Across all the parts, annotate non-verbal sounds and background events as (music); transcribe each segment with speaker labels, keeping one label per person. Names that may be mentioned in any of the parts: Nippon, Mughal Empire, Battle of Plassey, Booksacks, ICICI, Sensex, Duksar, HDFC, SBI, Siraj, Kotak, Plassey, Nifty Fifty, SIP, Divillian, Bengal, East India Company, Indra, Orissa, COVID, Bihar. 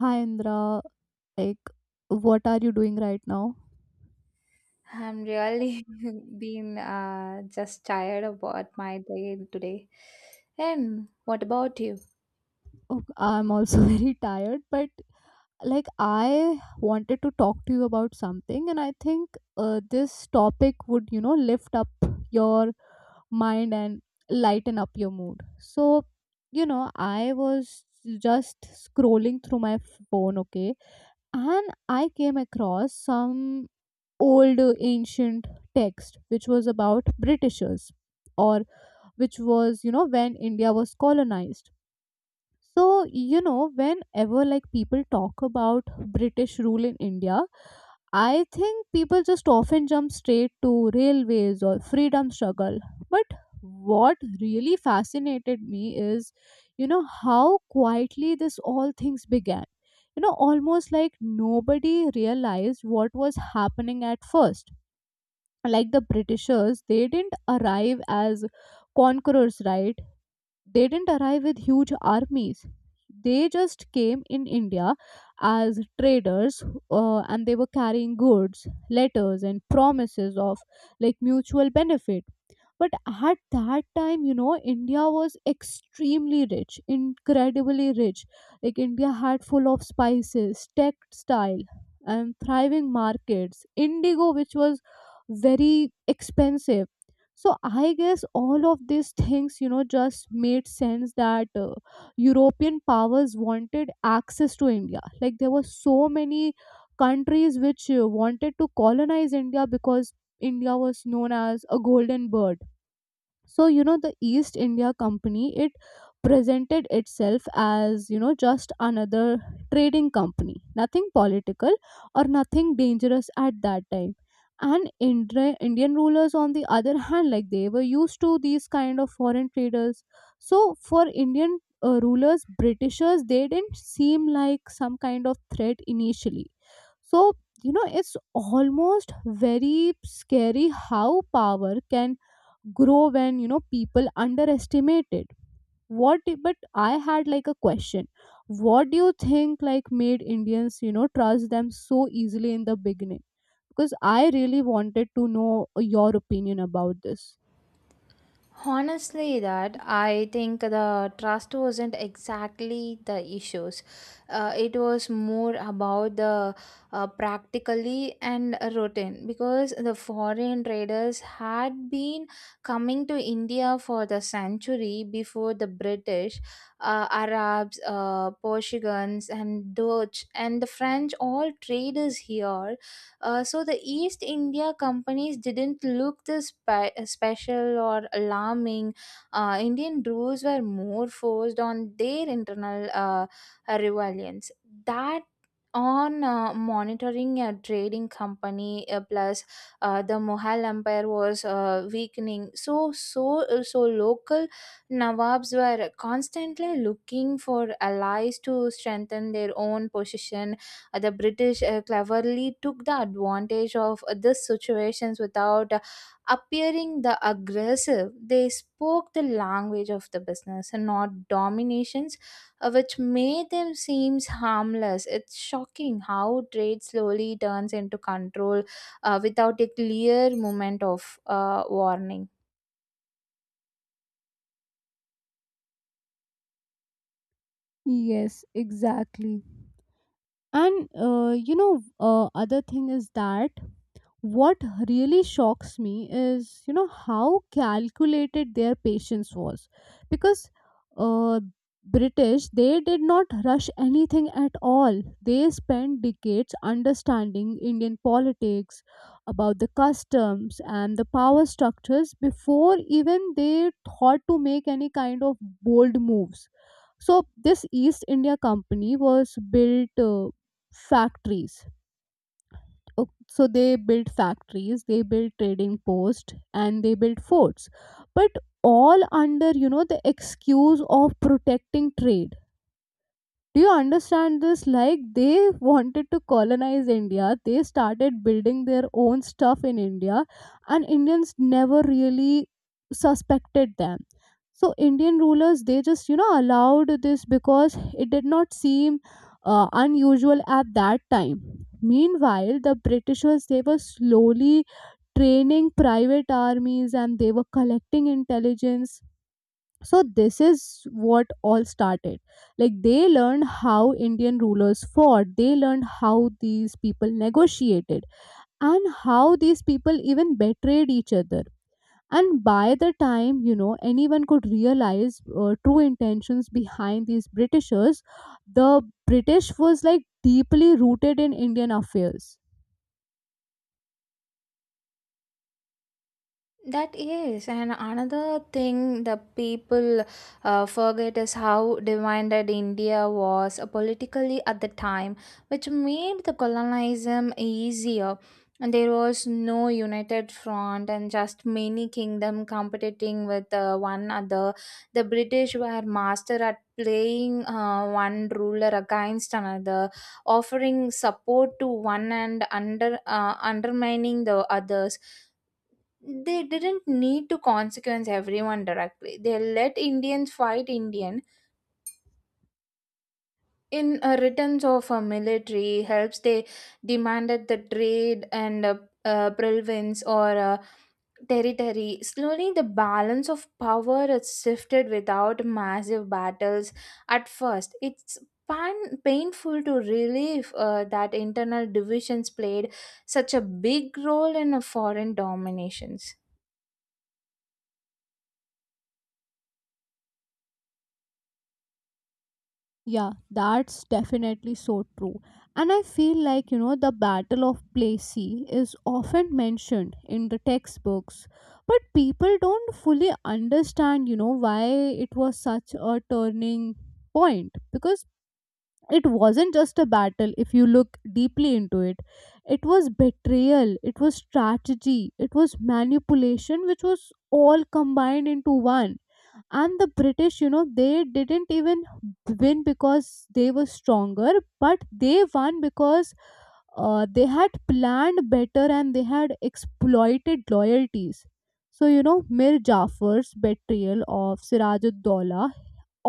Speaker 1: Hi Indra, like what are you doing right now?
Speaker 2: I'm really (laughs) been just tired about my day today. And what about you?
Speaker 1: Oh, I'm also (laughs) very tired, but like I wanted to talk to you about something, and I think this topic would, you know, lift up your mind and lighten up your mood. So, you know, I was just scrolling through my phone, okay, and I came across some old ancient text which was about Britishers or which was, you know, when India was colonized. So, you know, whenever like people talk about British rule in India, I think people just often jump straight to railways or freedom struggle, but what really fascinated me is, you know, how quietly this all things began. You know, almost like nobody realized what was happening at first. Like the Britishers, they didn't arrive as conquerors, right? They didn't arrive with huge armies. They just came in India as traders, and they were carrying goods, letters, and promises of like mutual benefit. But at that time, you know, India was extremely rich, incredibly rich. Like India had full of spices, textile, and thriving markets, indigo, which was very expensive. So I guess all of these things, you know, just made sense that European powers wanted access to India. Like there were so many countries which wanted to colonize India because India was known as a golden bird. So, you know, the East India Company, it presented itself as, you know, just another trading company, nothing political or nothing dangerous at that time. And Indian rulers, on the other hand, like they were used to these kind of foreign traders. So for Indian rulers, Britishers, they didn't seem like some kind of threat initially. So, you know, it's almost very scary how power can grow when, you know, people underestimate it. But I had like a question. What do you think like made Indians, you know, trust them so easily in the beginning? Because I really wanted to know your opinion about this.
Speaker 2: Honestly, that I think the trust wasn't exactly the issues. It was more about the practically and routine because the foreign traders had been coming to India for the century before the British, Arabs, Portuguese, and Dutch, and the French all traders here, so the East India companies didn't look this special or alarming. Indian rules were more forced on their internal rebellions. That on monitoring a trading company, plus the Mughal empire was weakening, so local nawabs were constantly looking for allies to strengthen their own position. The british cleverly took the advantage of these situations without appearing the aggressive. They spoke the language of the business and not domination, which made them seems harmless. It's shocking how trade slowly turns into control without a clear moment of warning.
Speaker 1: Yes, exactly. And you know, other thing is that what really shocks me is, you know, how calculated their patience was, because uh, British they did not rush anything at all. They spent decades understanding Indian politics, about the customs and the power structures before even they thought to make any kind of bold moves. So this East India Company was built factories o- so they built factories, they built trading posts, and they built forts, but all under, you know, the excuse of protecting trade. Do you understand this? Like they wanted to colonize India, they started building their own stuff in India, and Indians never really suspected them. So Indian rulers, they just, you know, allowed this because it did not seem unusual at that time. Meanwhile the Britishers, they were slowly training private armies and they were collecting intelligence. So this is what all started. Like they learned how Indian rulers fought, they learned how these people negotiated, and how these people even betrayed each other. And by the time, you know, anyone could realize true intentions behind these Britishers, the British was like deeply rooted in Indian affairs.
Speaker 2: That is, and another thing the people forget is how divided India was politically at the time, which made the colonialism easier. And there was no united front, and just many kingdoms competing with one another. The British were master at playing one ruler against another, offering support to one and undermining the others. They didn't need to consequence everyone directly. They let Indians fight Indian in a returns of a military helps. They demanded the trade and province or territory. Slowly, the balance of power is shifted without massive battles. At first, it's painful to relieve that internal divisions played such a big role in a foreign dominations.
Speaker 1: Yeah, that's definitely so true. And I feel like, you know, the Battle of Plassey is often mentioned in the textbooks, but people don't fully understand, you know, why it was such a turning point, because it wasn't just a battle if you look deeply into it. It was betrayal, it was strategy, it was manipulation, which was all combined into one. And the British, you know, they didn't even win because they were stronger, but they won because they had planned better and they had exploited loyalties. So, you know, Mir Jafar's betrayal of Siraj,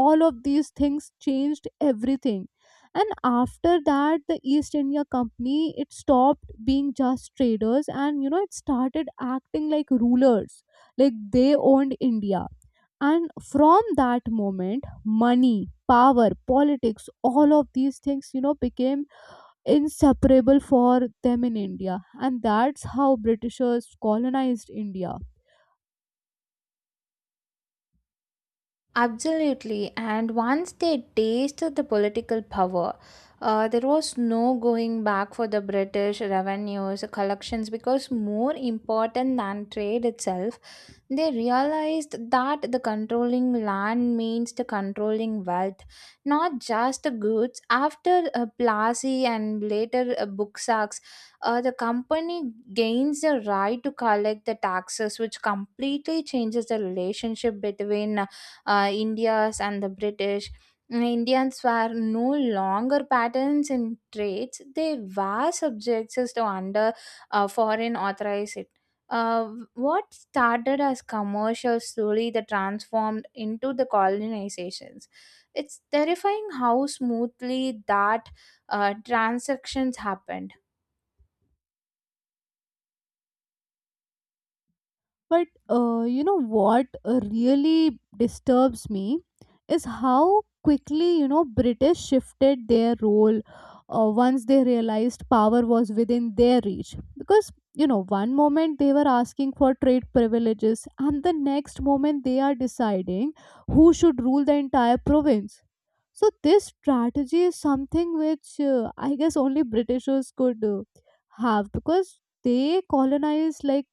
Speaker 1: all of these things changed everything. And after that, the East India Company, it stopped being just traders, and, you know, it started acting like rulers, like they owned India. And from that moment money, power, politics, all of these things, you know, became inseparable for them in India. And that's how Britishers colonized India.
Speaker 2: Absolutely. And once they tasted the political power, there was no going back for the British revenues, collections, because more important than trade itself, they realized that the controlling land means the controlling wealth, not just the goods. After Plassey and later Booksacks, the company gains the right to collect the taxes, which completely changes the relationship between India's and the British. Indians were no longer patterns in trades; they were subjects to under foreign authorized. What started as commercials slowly that transformed into the colonizations. It's terrifying how smoothly that transactions happened.
Speaker 1: But you know what really disturbs me is how quickly, you know, British shifted their role once they realized power was within their reach. Because, you know, one moment they were asking for trade privileges, and the next moment they are deciding who should rule the entire province. So this strategy is something which I guess only Britishers could have, because they colonized like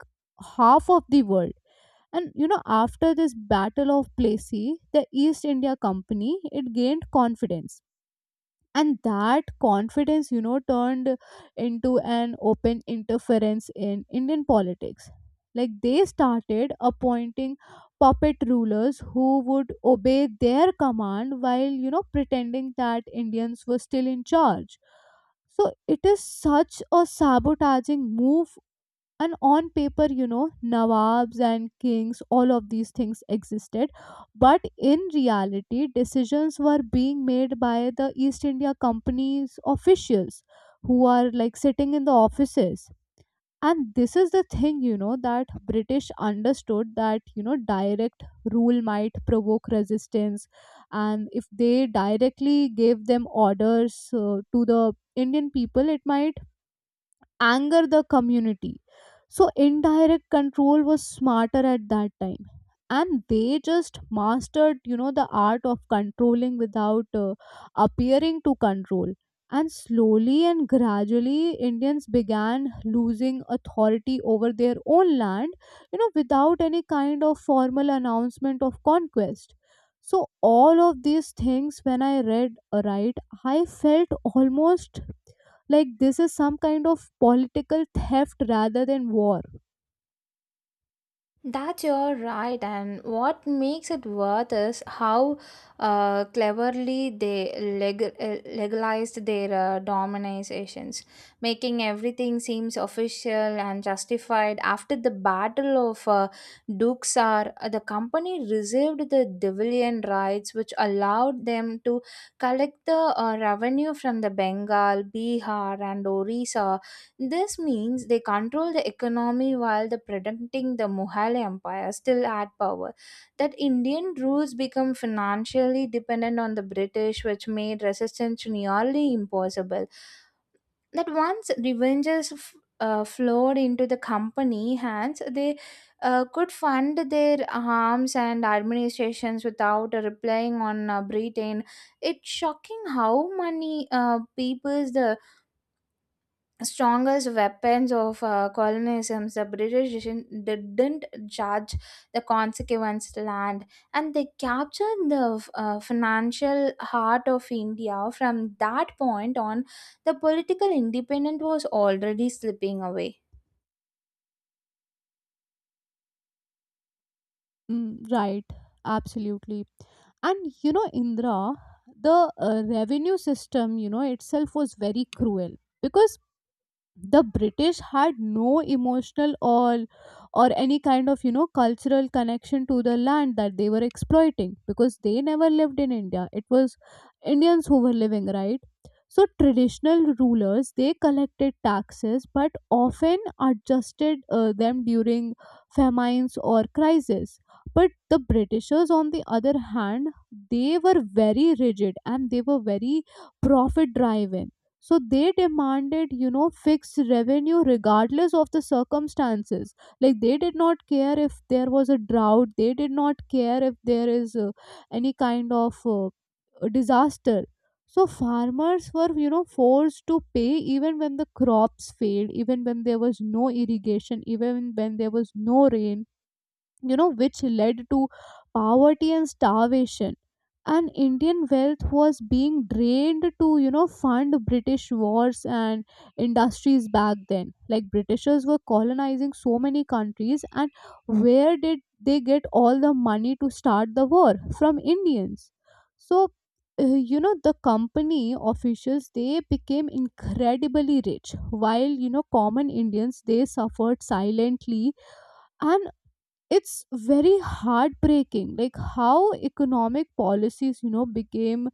Speaker 1: half of the world. And, you know, after this Battle of Plassey, the East India Company, it gained confidence, and that confidence, you know, turned into an open interference in Indian politics. Like they started appointing puppet rulers who would obey their command, while, you know, pretending that Indians were still in charge. So it is such a sabotaging move. And on paper, you know, nawabs and kings, all of these things existed, but in reality decisions were being made by the East India Company's officials, who are like sitting in the offices. And this is the thing, you know, that British understood, that, you know, direct rule might provoke resistance, and if they directly gave them orders to the Indian people, it might anger the community. So indirect control was smarter at that time. And they just mastered, you know, the art of controlling without appearing to control. And slowly and gradually, Indians began losing authority over their own land, you know, without any kind of formal announcement of conquest. So, all of these things, when I read, right, I felt almost like this is some kind of political theft rather than war.
Speaker 2: That's you right, and what makes it worth is how cleverly they legalized their dominizations, making everything seems official and justified. After the Battle of Duksar, the company reserved the Divillian rights, which allowed them to collect the revenue from the Bengal, Bihar, and Orissa. This means they control the economy while the protecting the Mughal Empire still had power. That Indian rules become financially dependent on the British, which made resistance nearly impossible. That once revenges flowed into the company hands, they could fund their arms and administrations without relying on Britain. It's shocking how many peoples the strongest weapons of colonialism, the British didn't judge the consequence land and they captured the financial heart of India. From that point on, the political independence was already slipping away.
Speaker 1: Mm, right, absolutely. And you know, Indra, the revenue system, you know, itself was very cruel, because the British had no emotional or any kind of, you know, cultural connection to the land that they were exploiting, because they never lived in India. It was Indians who were living, right? So traditional rulers, they collected taxes but often adjusted them during famines or crises. But the Britishers, on the other hand, they were very rigid and they were very profit driven. So they demanded, you know, fixed revenue regardless of the circumstances. Like they did not care if there was a drought, they did not care if there is any kind of disaster. So farmers were, you know, forced to pay even when the crops failed, even when there was no irrigation, even when there was no rain, you know, which led to poverty and starvation. And Indian wealth was being drained to, you know, fund British wars and industries back then. Like Britishers were colonizing so many countries, and where did they get all the money to start the war? From Indians. So you know, the company officials, they became incredibly rich, while, you know, common Indians, they suffered silently. And it's very heartbreaking, like how economic policies, you know, became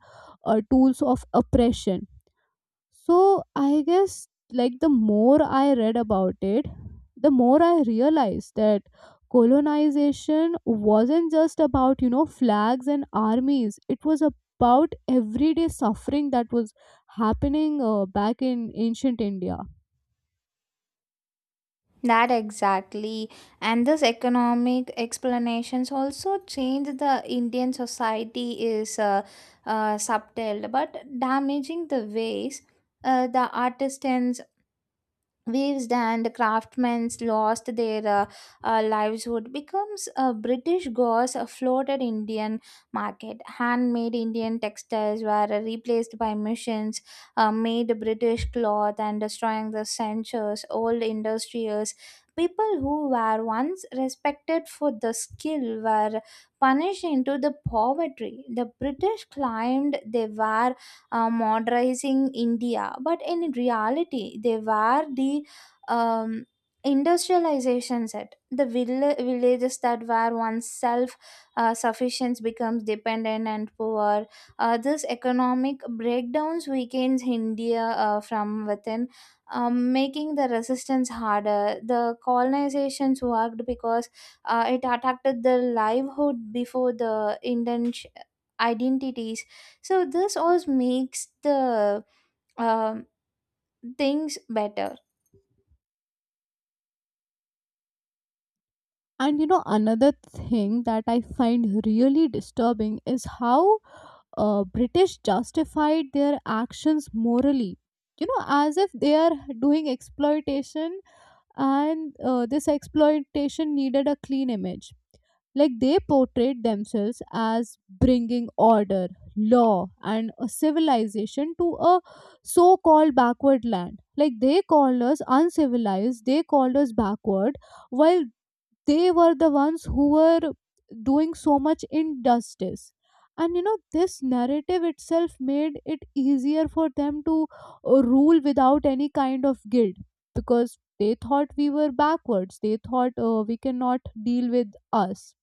Speaker 1: tools of oppression. So I guess like the more I read about it, the more I realized that colonization wasn't just about, you know, flags and armies, it was about everyday suffering that was happening back in ancient India.
Speaker 2: That exactly, and this economic explanations also changed the Indian society is subtle but damaging the ways the artisans, weavers and craftsmen lost their livelihood becomes a british gauze floated indian market. Handmade indian textiles were replaced by machines made british cloth, and destroying the centuries old industries. People who were once respected for the skill were punished into the poverty. The british claimed they were modernizing India, but in reality, they were the um, industrialization set. The villages that were once self sufficient becomes dependent and poor. This economic breakdowns weakens India from within. Making the resistance harder. The colonizations worked because it attacked the livelihood before the Indian identities. So this all makes the um, things better.
Speaker 1: And you know, another thing that I find really disturbing is how British justified their actions morally. You know, as if they are doing exploitation, and this exploitation needed a clean image. Like they portrayed themselves as bringing order, law, and a civilization to a so called backward land. Like they called us uncivilized, they called us backward, while they were the ones who were doing so much injustice. And, you know, this narrative itself made it easier for them to rule without any kind of guilt, because they thought we were backwards, they thought we cannot deal with us.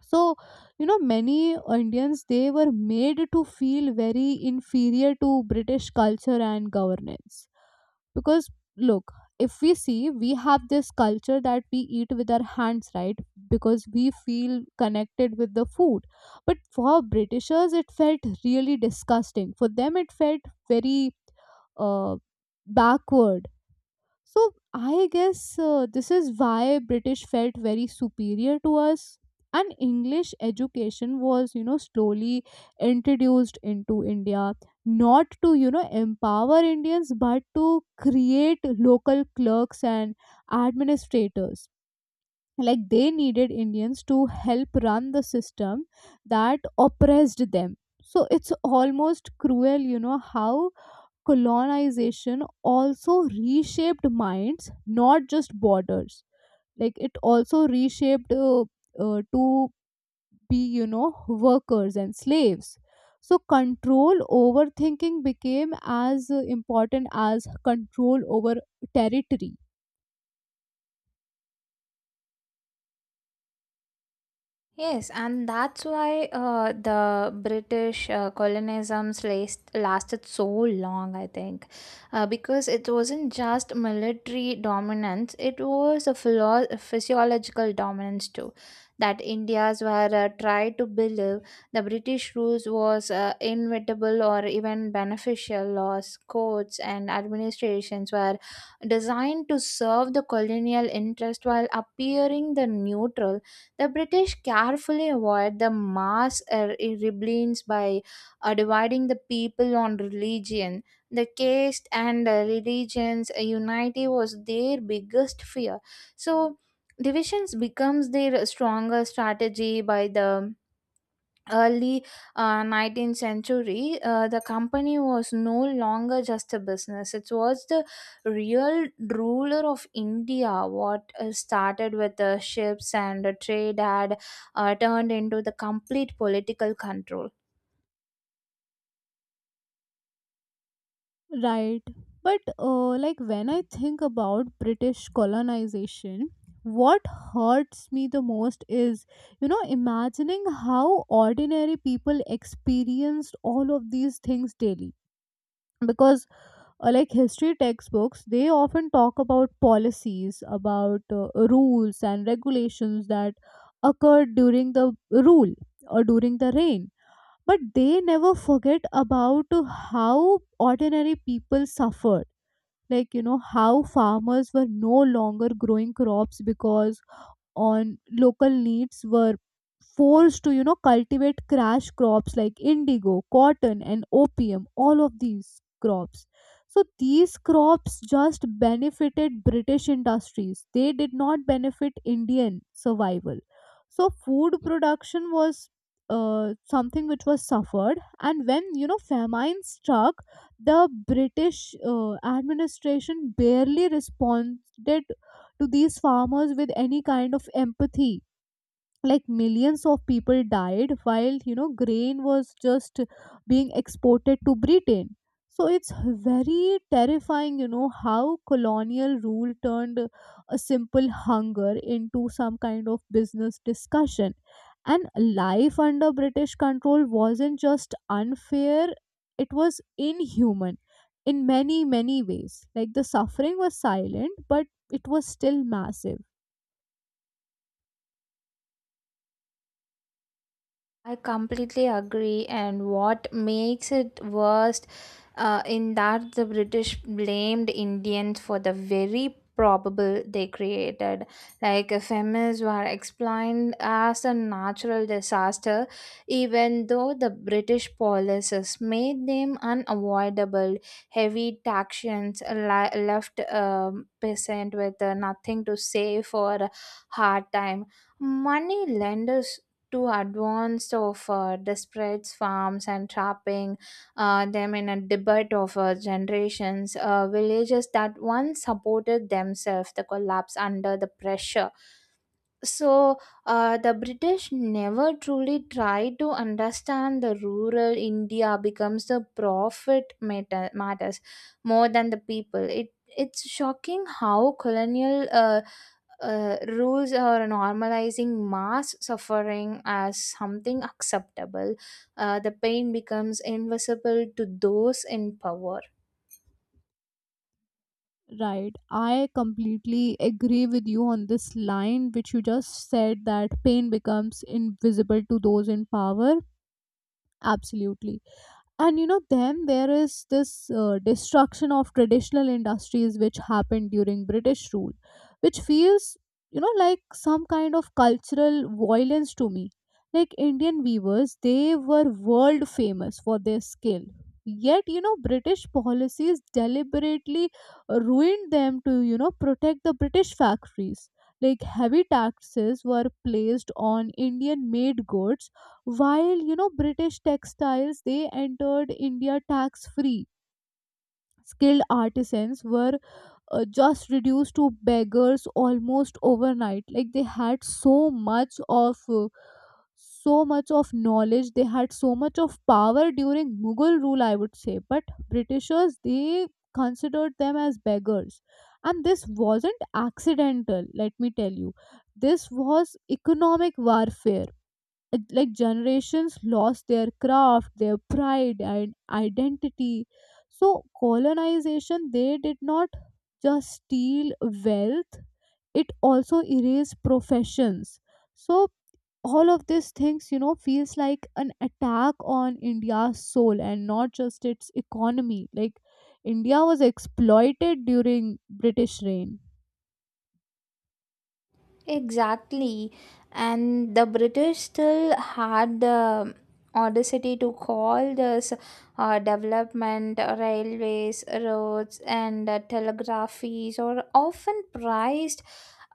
Speaker 1: So, you know, many Indians, they were made to feel very inferior to British culture and governance, because look, if we see, we have this culture that we eat with our hands, right? Because we feel connected with the food. But for Britishers it felt really disgusting, for them it felt very uh, backward. So I guess this is why British felt very superior to us. And English education was, you know, slowly introduced into India, not to, you know, empower Indians, but to create local clerks and administrators. Like they needed Indians to help run the system that oppressed them. So it's almost cruel, you know, how colonization also reshaped minds, not just borders. Like it also reshaped to be, you know, workers and slaves. So control over thinking became as important as control over territory.
Speaker 2: Yes, and that's why the British colonisms last, lasted so long, I think, because it wasn't just military dominance, it was a physiological dominance too. That Indians were tried to believe the British rules was inevitable or even beneficial. Laws, courts, and administrations were designed to serve the colonial interest while appearing the neutral. The British carefully avoid the mass rebellions by dividing the people on religion. The caste and religions unity was their biggest fear. So divisions becomes their stronger strategy. By the early 19th century, the company was no longer just a business, it was the real ruler of india. What started with the ships and the trade had turned into the complete political control.
Speaker 1: Right. But like when I think about British colonization, what hurts me the most is, you know, imagining how ordinary people experienced all of these things daily. Because, like history textbooks, they often talk about policies, about rules and regulations that occurred during the rule or during the reign. But they never forget about how ordinary people suffered, like, you know, how farmers were no longer growing crops because on local needs were forced to, you know, cultivate crash crops like indigo, cotton, and opium, all of these crops. So these crops just benefited British industries, they did not benefit Indian survival. So food production was something which was suffered, and when, you know, famine struck, the British administration barely responded to these farmers with any kind of empathy. Like millions of people died while, you know, grain was just being exported to Britain. So it's very terrifying, you know, how colonial rule turned a simple hunger into some kind of business discussion. And life under British control wasn't just unfair, it was inhuman in many, many ways. Like the suffering was silent, but it was still massive.
Speaker 2: I completely agree. And what makes it worst in that the British blamed Indians for the very probable they created. Like famines were explained as a natural disaster, even though the British policies made them unavoidable. Heavy taxations left peasant with nothing to save for a hard time. Money lenders too advanced of the spreads, farms and trapping them in a debate of generations. Villages that once supported themselves, the collapse under the pressure. So, the British never truly tried to understand the rural India becomes the profit matter, matters more than the people. It's shocking how colonial rules are normalizing mass suffering as something acceptable. The pain becomes invisible to those in power.
Speaker 1: Right. I completely agree with you on this line, which you just said, that pain becomes invisible to those in power. Absolutely. And you know, then there is this destruction of traditional industries which happened during British rule, which feels, you know, like some kind of cultural violence to me. Like Indian weavers, they were world famous for their skill, yet, you know, British policies deliberately ruined them to, you know, protect the British factories. Like heavy taxes were placed on Indian made goods, while, you know, British textiles, they entered India tax free. Skilled artisans were just reduced to beggars almost overnight. Like they had so much of knowledge, they had so much of power during Mughal rule, I would say, but Britishers, they considered them as beggars. And this wasn't accidental, let me tell you, this was economic warfare. Like generations lost their craft, their pride, and identity. So colonization, they did not just steal wealth, it also erased professions. So all of these things, you know, feels like an attack on India's soul and not just its economy. Like India was exploited during British reign.
Speaker 2: Exactly. And the British still had the audacity to call this development. Railways, roads, and telegraphies are often prized,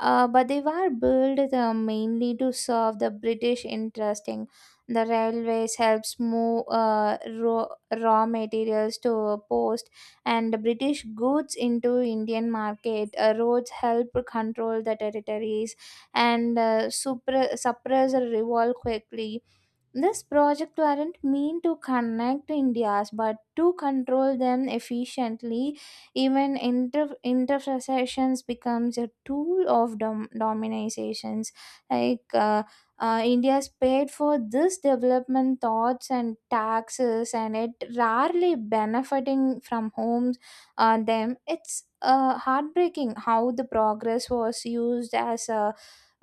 Speaker 2: but they were built mainly to serve the British interest. In the railways helps move raw materials to a post and British goods into Indian market. Roads help control the territories and suppress a revolt quickly. This project weren't meant to connect Indias but to control them efficiently. Even intercessions becomes a tool of dominations. Like India's paid for this development thoughts and taxes, and it rarely benefiting from homes on them. It's heartbreaking how the progress was used as a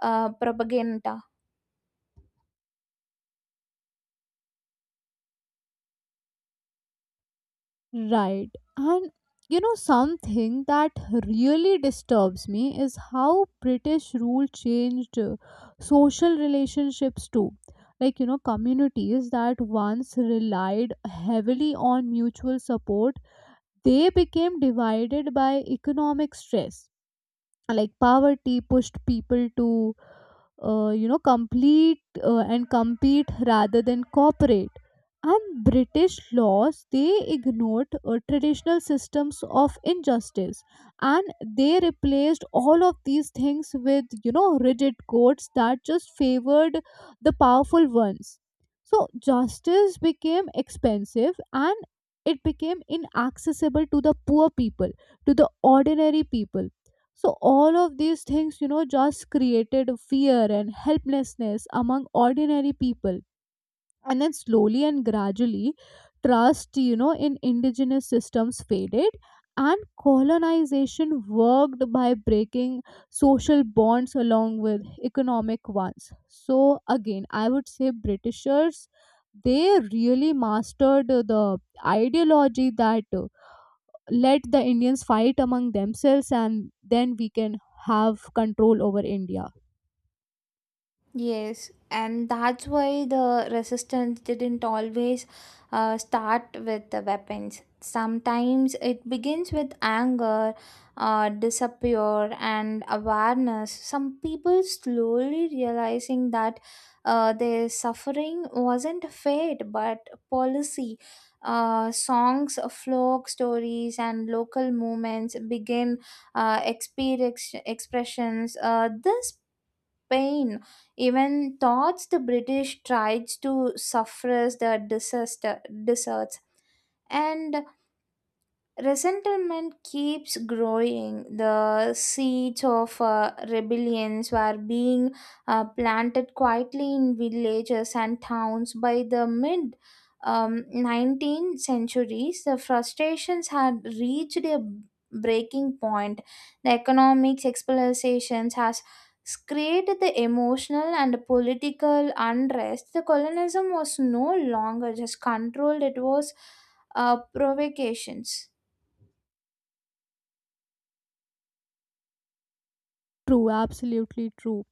Speaker 2: propaganda.
Speaker 1: Right. And you know, something that really disturbs me is how British rule changed social relationships too. Like, you know, communities that once relied heavily on mutual support, they became divided by economic stress. Like, poverty pushed people to you know complete and compete rather than cooperate. And British laws, they ignored traditional systems of injustice, and they replaced all of these things with, you know, rigid codes that just favored the powerful ones. So justice became expensive, and it became inaccessible to the poor people, to the ordinary people. So, all of these things, you know, just created fear and helplessness among ordinary people. And then, slowly and gradually, trust, you know, in indigenous systems faded, and colonization worked by breaking social bonds along with economic ones. So, again, I would say Britishers, they really mastered the ideology that let the Indians fight among themselves, and then we can have control over India.
Speaker 2: Yes, and that's why the resistance didn't always start with the weapons. Sometimes it begins with anger, disappear, and awareness. Some people slowly realizing that their suffering wasn't fate but policy. Songs, folk stories, and local movements begin expressions. This Spain. Even thoughts the British tried to suppress the disaster deserts. And resentment keeps growing. The seeds of rebellions were being planted quietly in villages and towns by the mid 19th centuries. The frustrations had reached a breaking point. The economic exploitations has created the emotional and political unrest. The colonialism was no longer just controlled; it was provocations.
Speaker 1: True, absolutely true.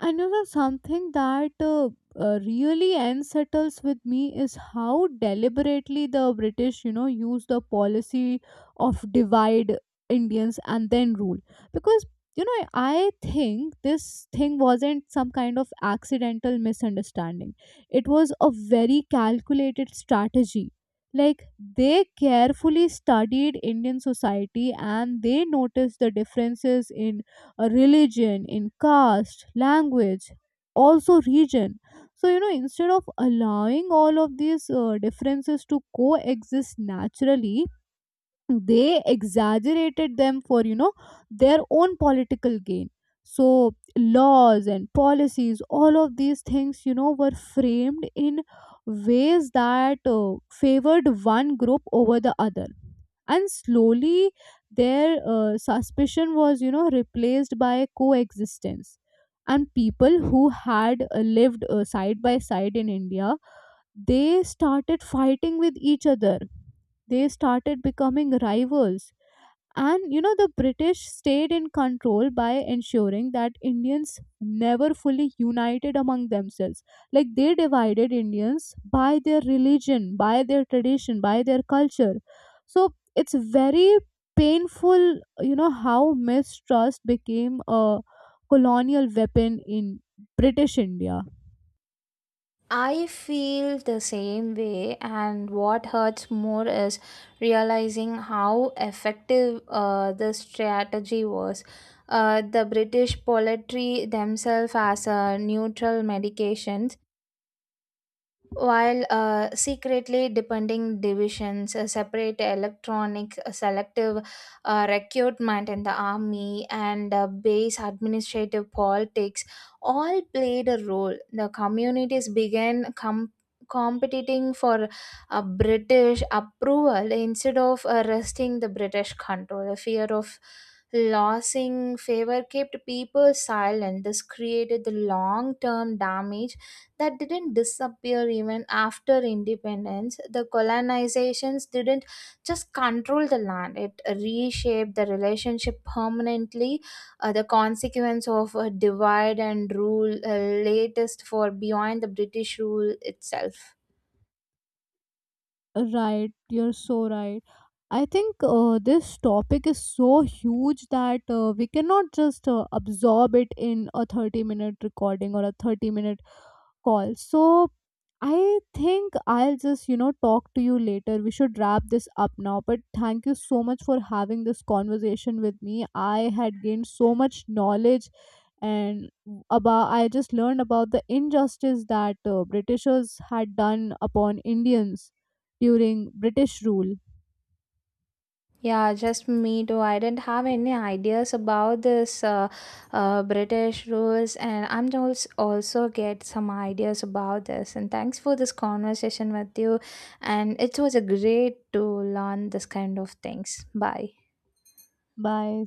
Speaker 1: And you know, something that really unsettles with me is how deliberately the British, you know, use the policy of divide Indians and then rule. Because, you know, I think this thing wasn't some kind of accidental misunderstanding, it was a very calculated strategy. Like, they carefully studied Indian society and they noticed the differences in religion, in caste, language, also region. So, you know, instead of allowing all of these differences to coexist naturally, they exaggerated them for, you know, their own political gain. So laws and policies, all of these things, you know, were framed in ways that favored one group over the other. And slowly their suspicion was, you know, replaced by coexistence. And people who had lived side by side in India, they started fighting with each other, they started becoming rivals. And you know, the British stayed in control by ensuring that Indians never fully united among themselves. Like they divided Indians by their religion, by their tradition, by their culture. So it's very painful, you know, how mistrust became a colonial weapon in British India.
Speaker 2: I feel the same way, and what hurts more is realizing how effective the strategy was. The British poultry themselves as a neutral medication while secretly depending divisions, separate electronic, selective recruitment in the army, and base administrative politics all played a role. The communities began competing for British approval instead of resting the British control. The fear of losing favor kept people silent. This created the long term damage that didn't disappear even after independence. The colonizations didn't just control the land, it reshaped the relationship permanently. The consequence of a divide and rule latest for beyond the British rule itself.
Speaker 1: Right, you're so right. I think this topic is so huge that we cannot just absorb it in a 30-minute recording or a 30-minute call. So I think I'll just, you know, talk to you later. We should wrap this up now. But thank you so much for having this conversation with me. I had gained so much knowledge, and about I just learned about the injustice that Britishers had done upon Indians during British rule.
Speaker 2: Yeah, just me too. I didn't have any ideas about this British rules, and I'm also get some ideas about this. And thanks for this conversation with you. And it was a great to learn this kind of things. Bye.
Speaker 1: Bye.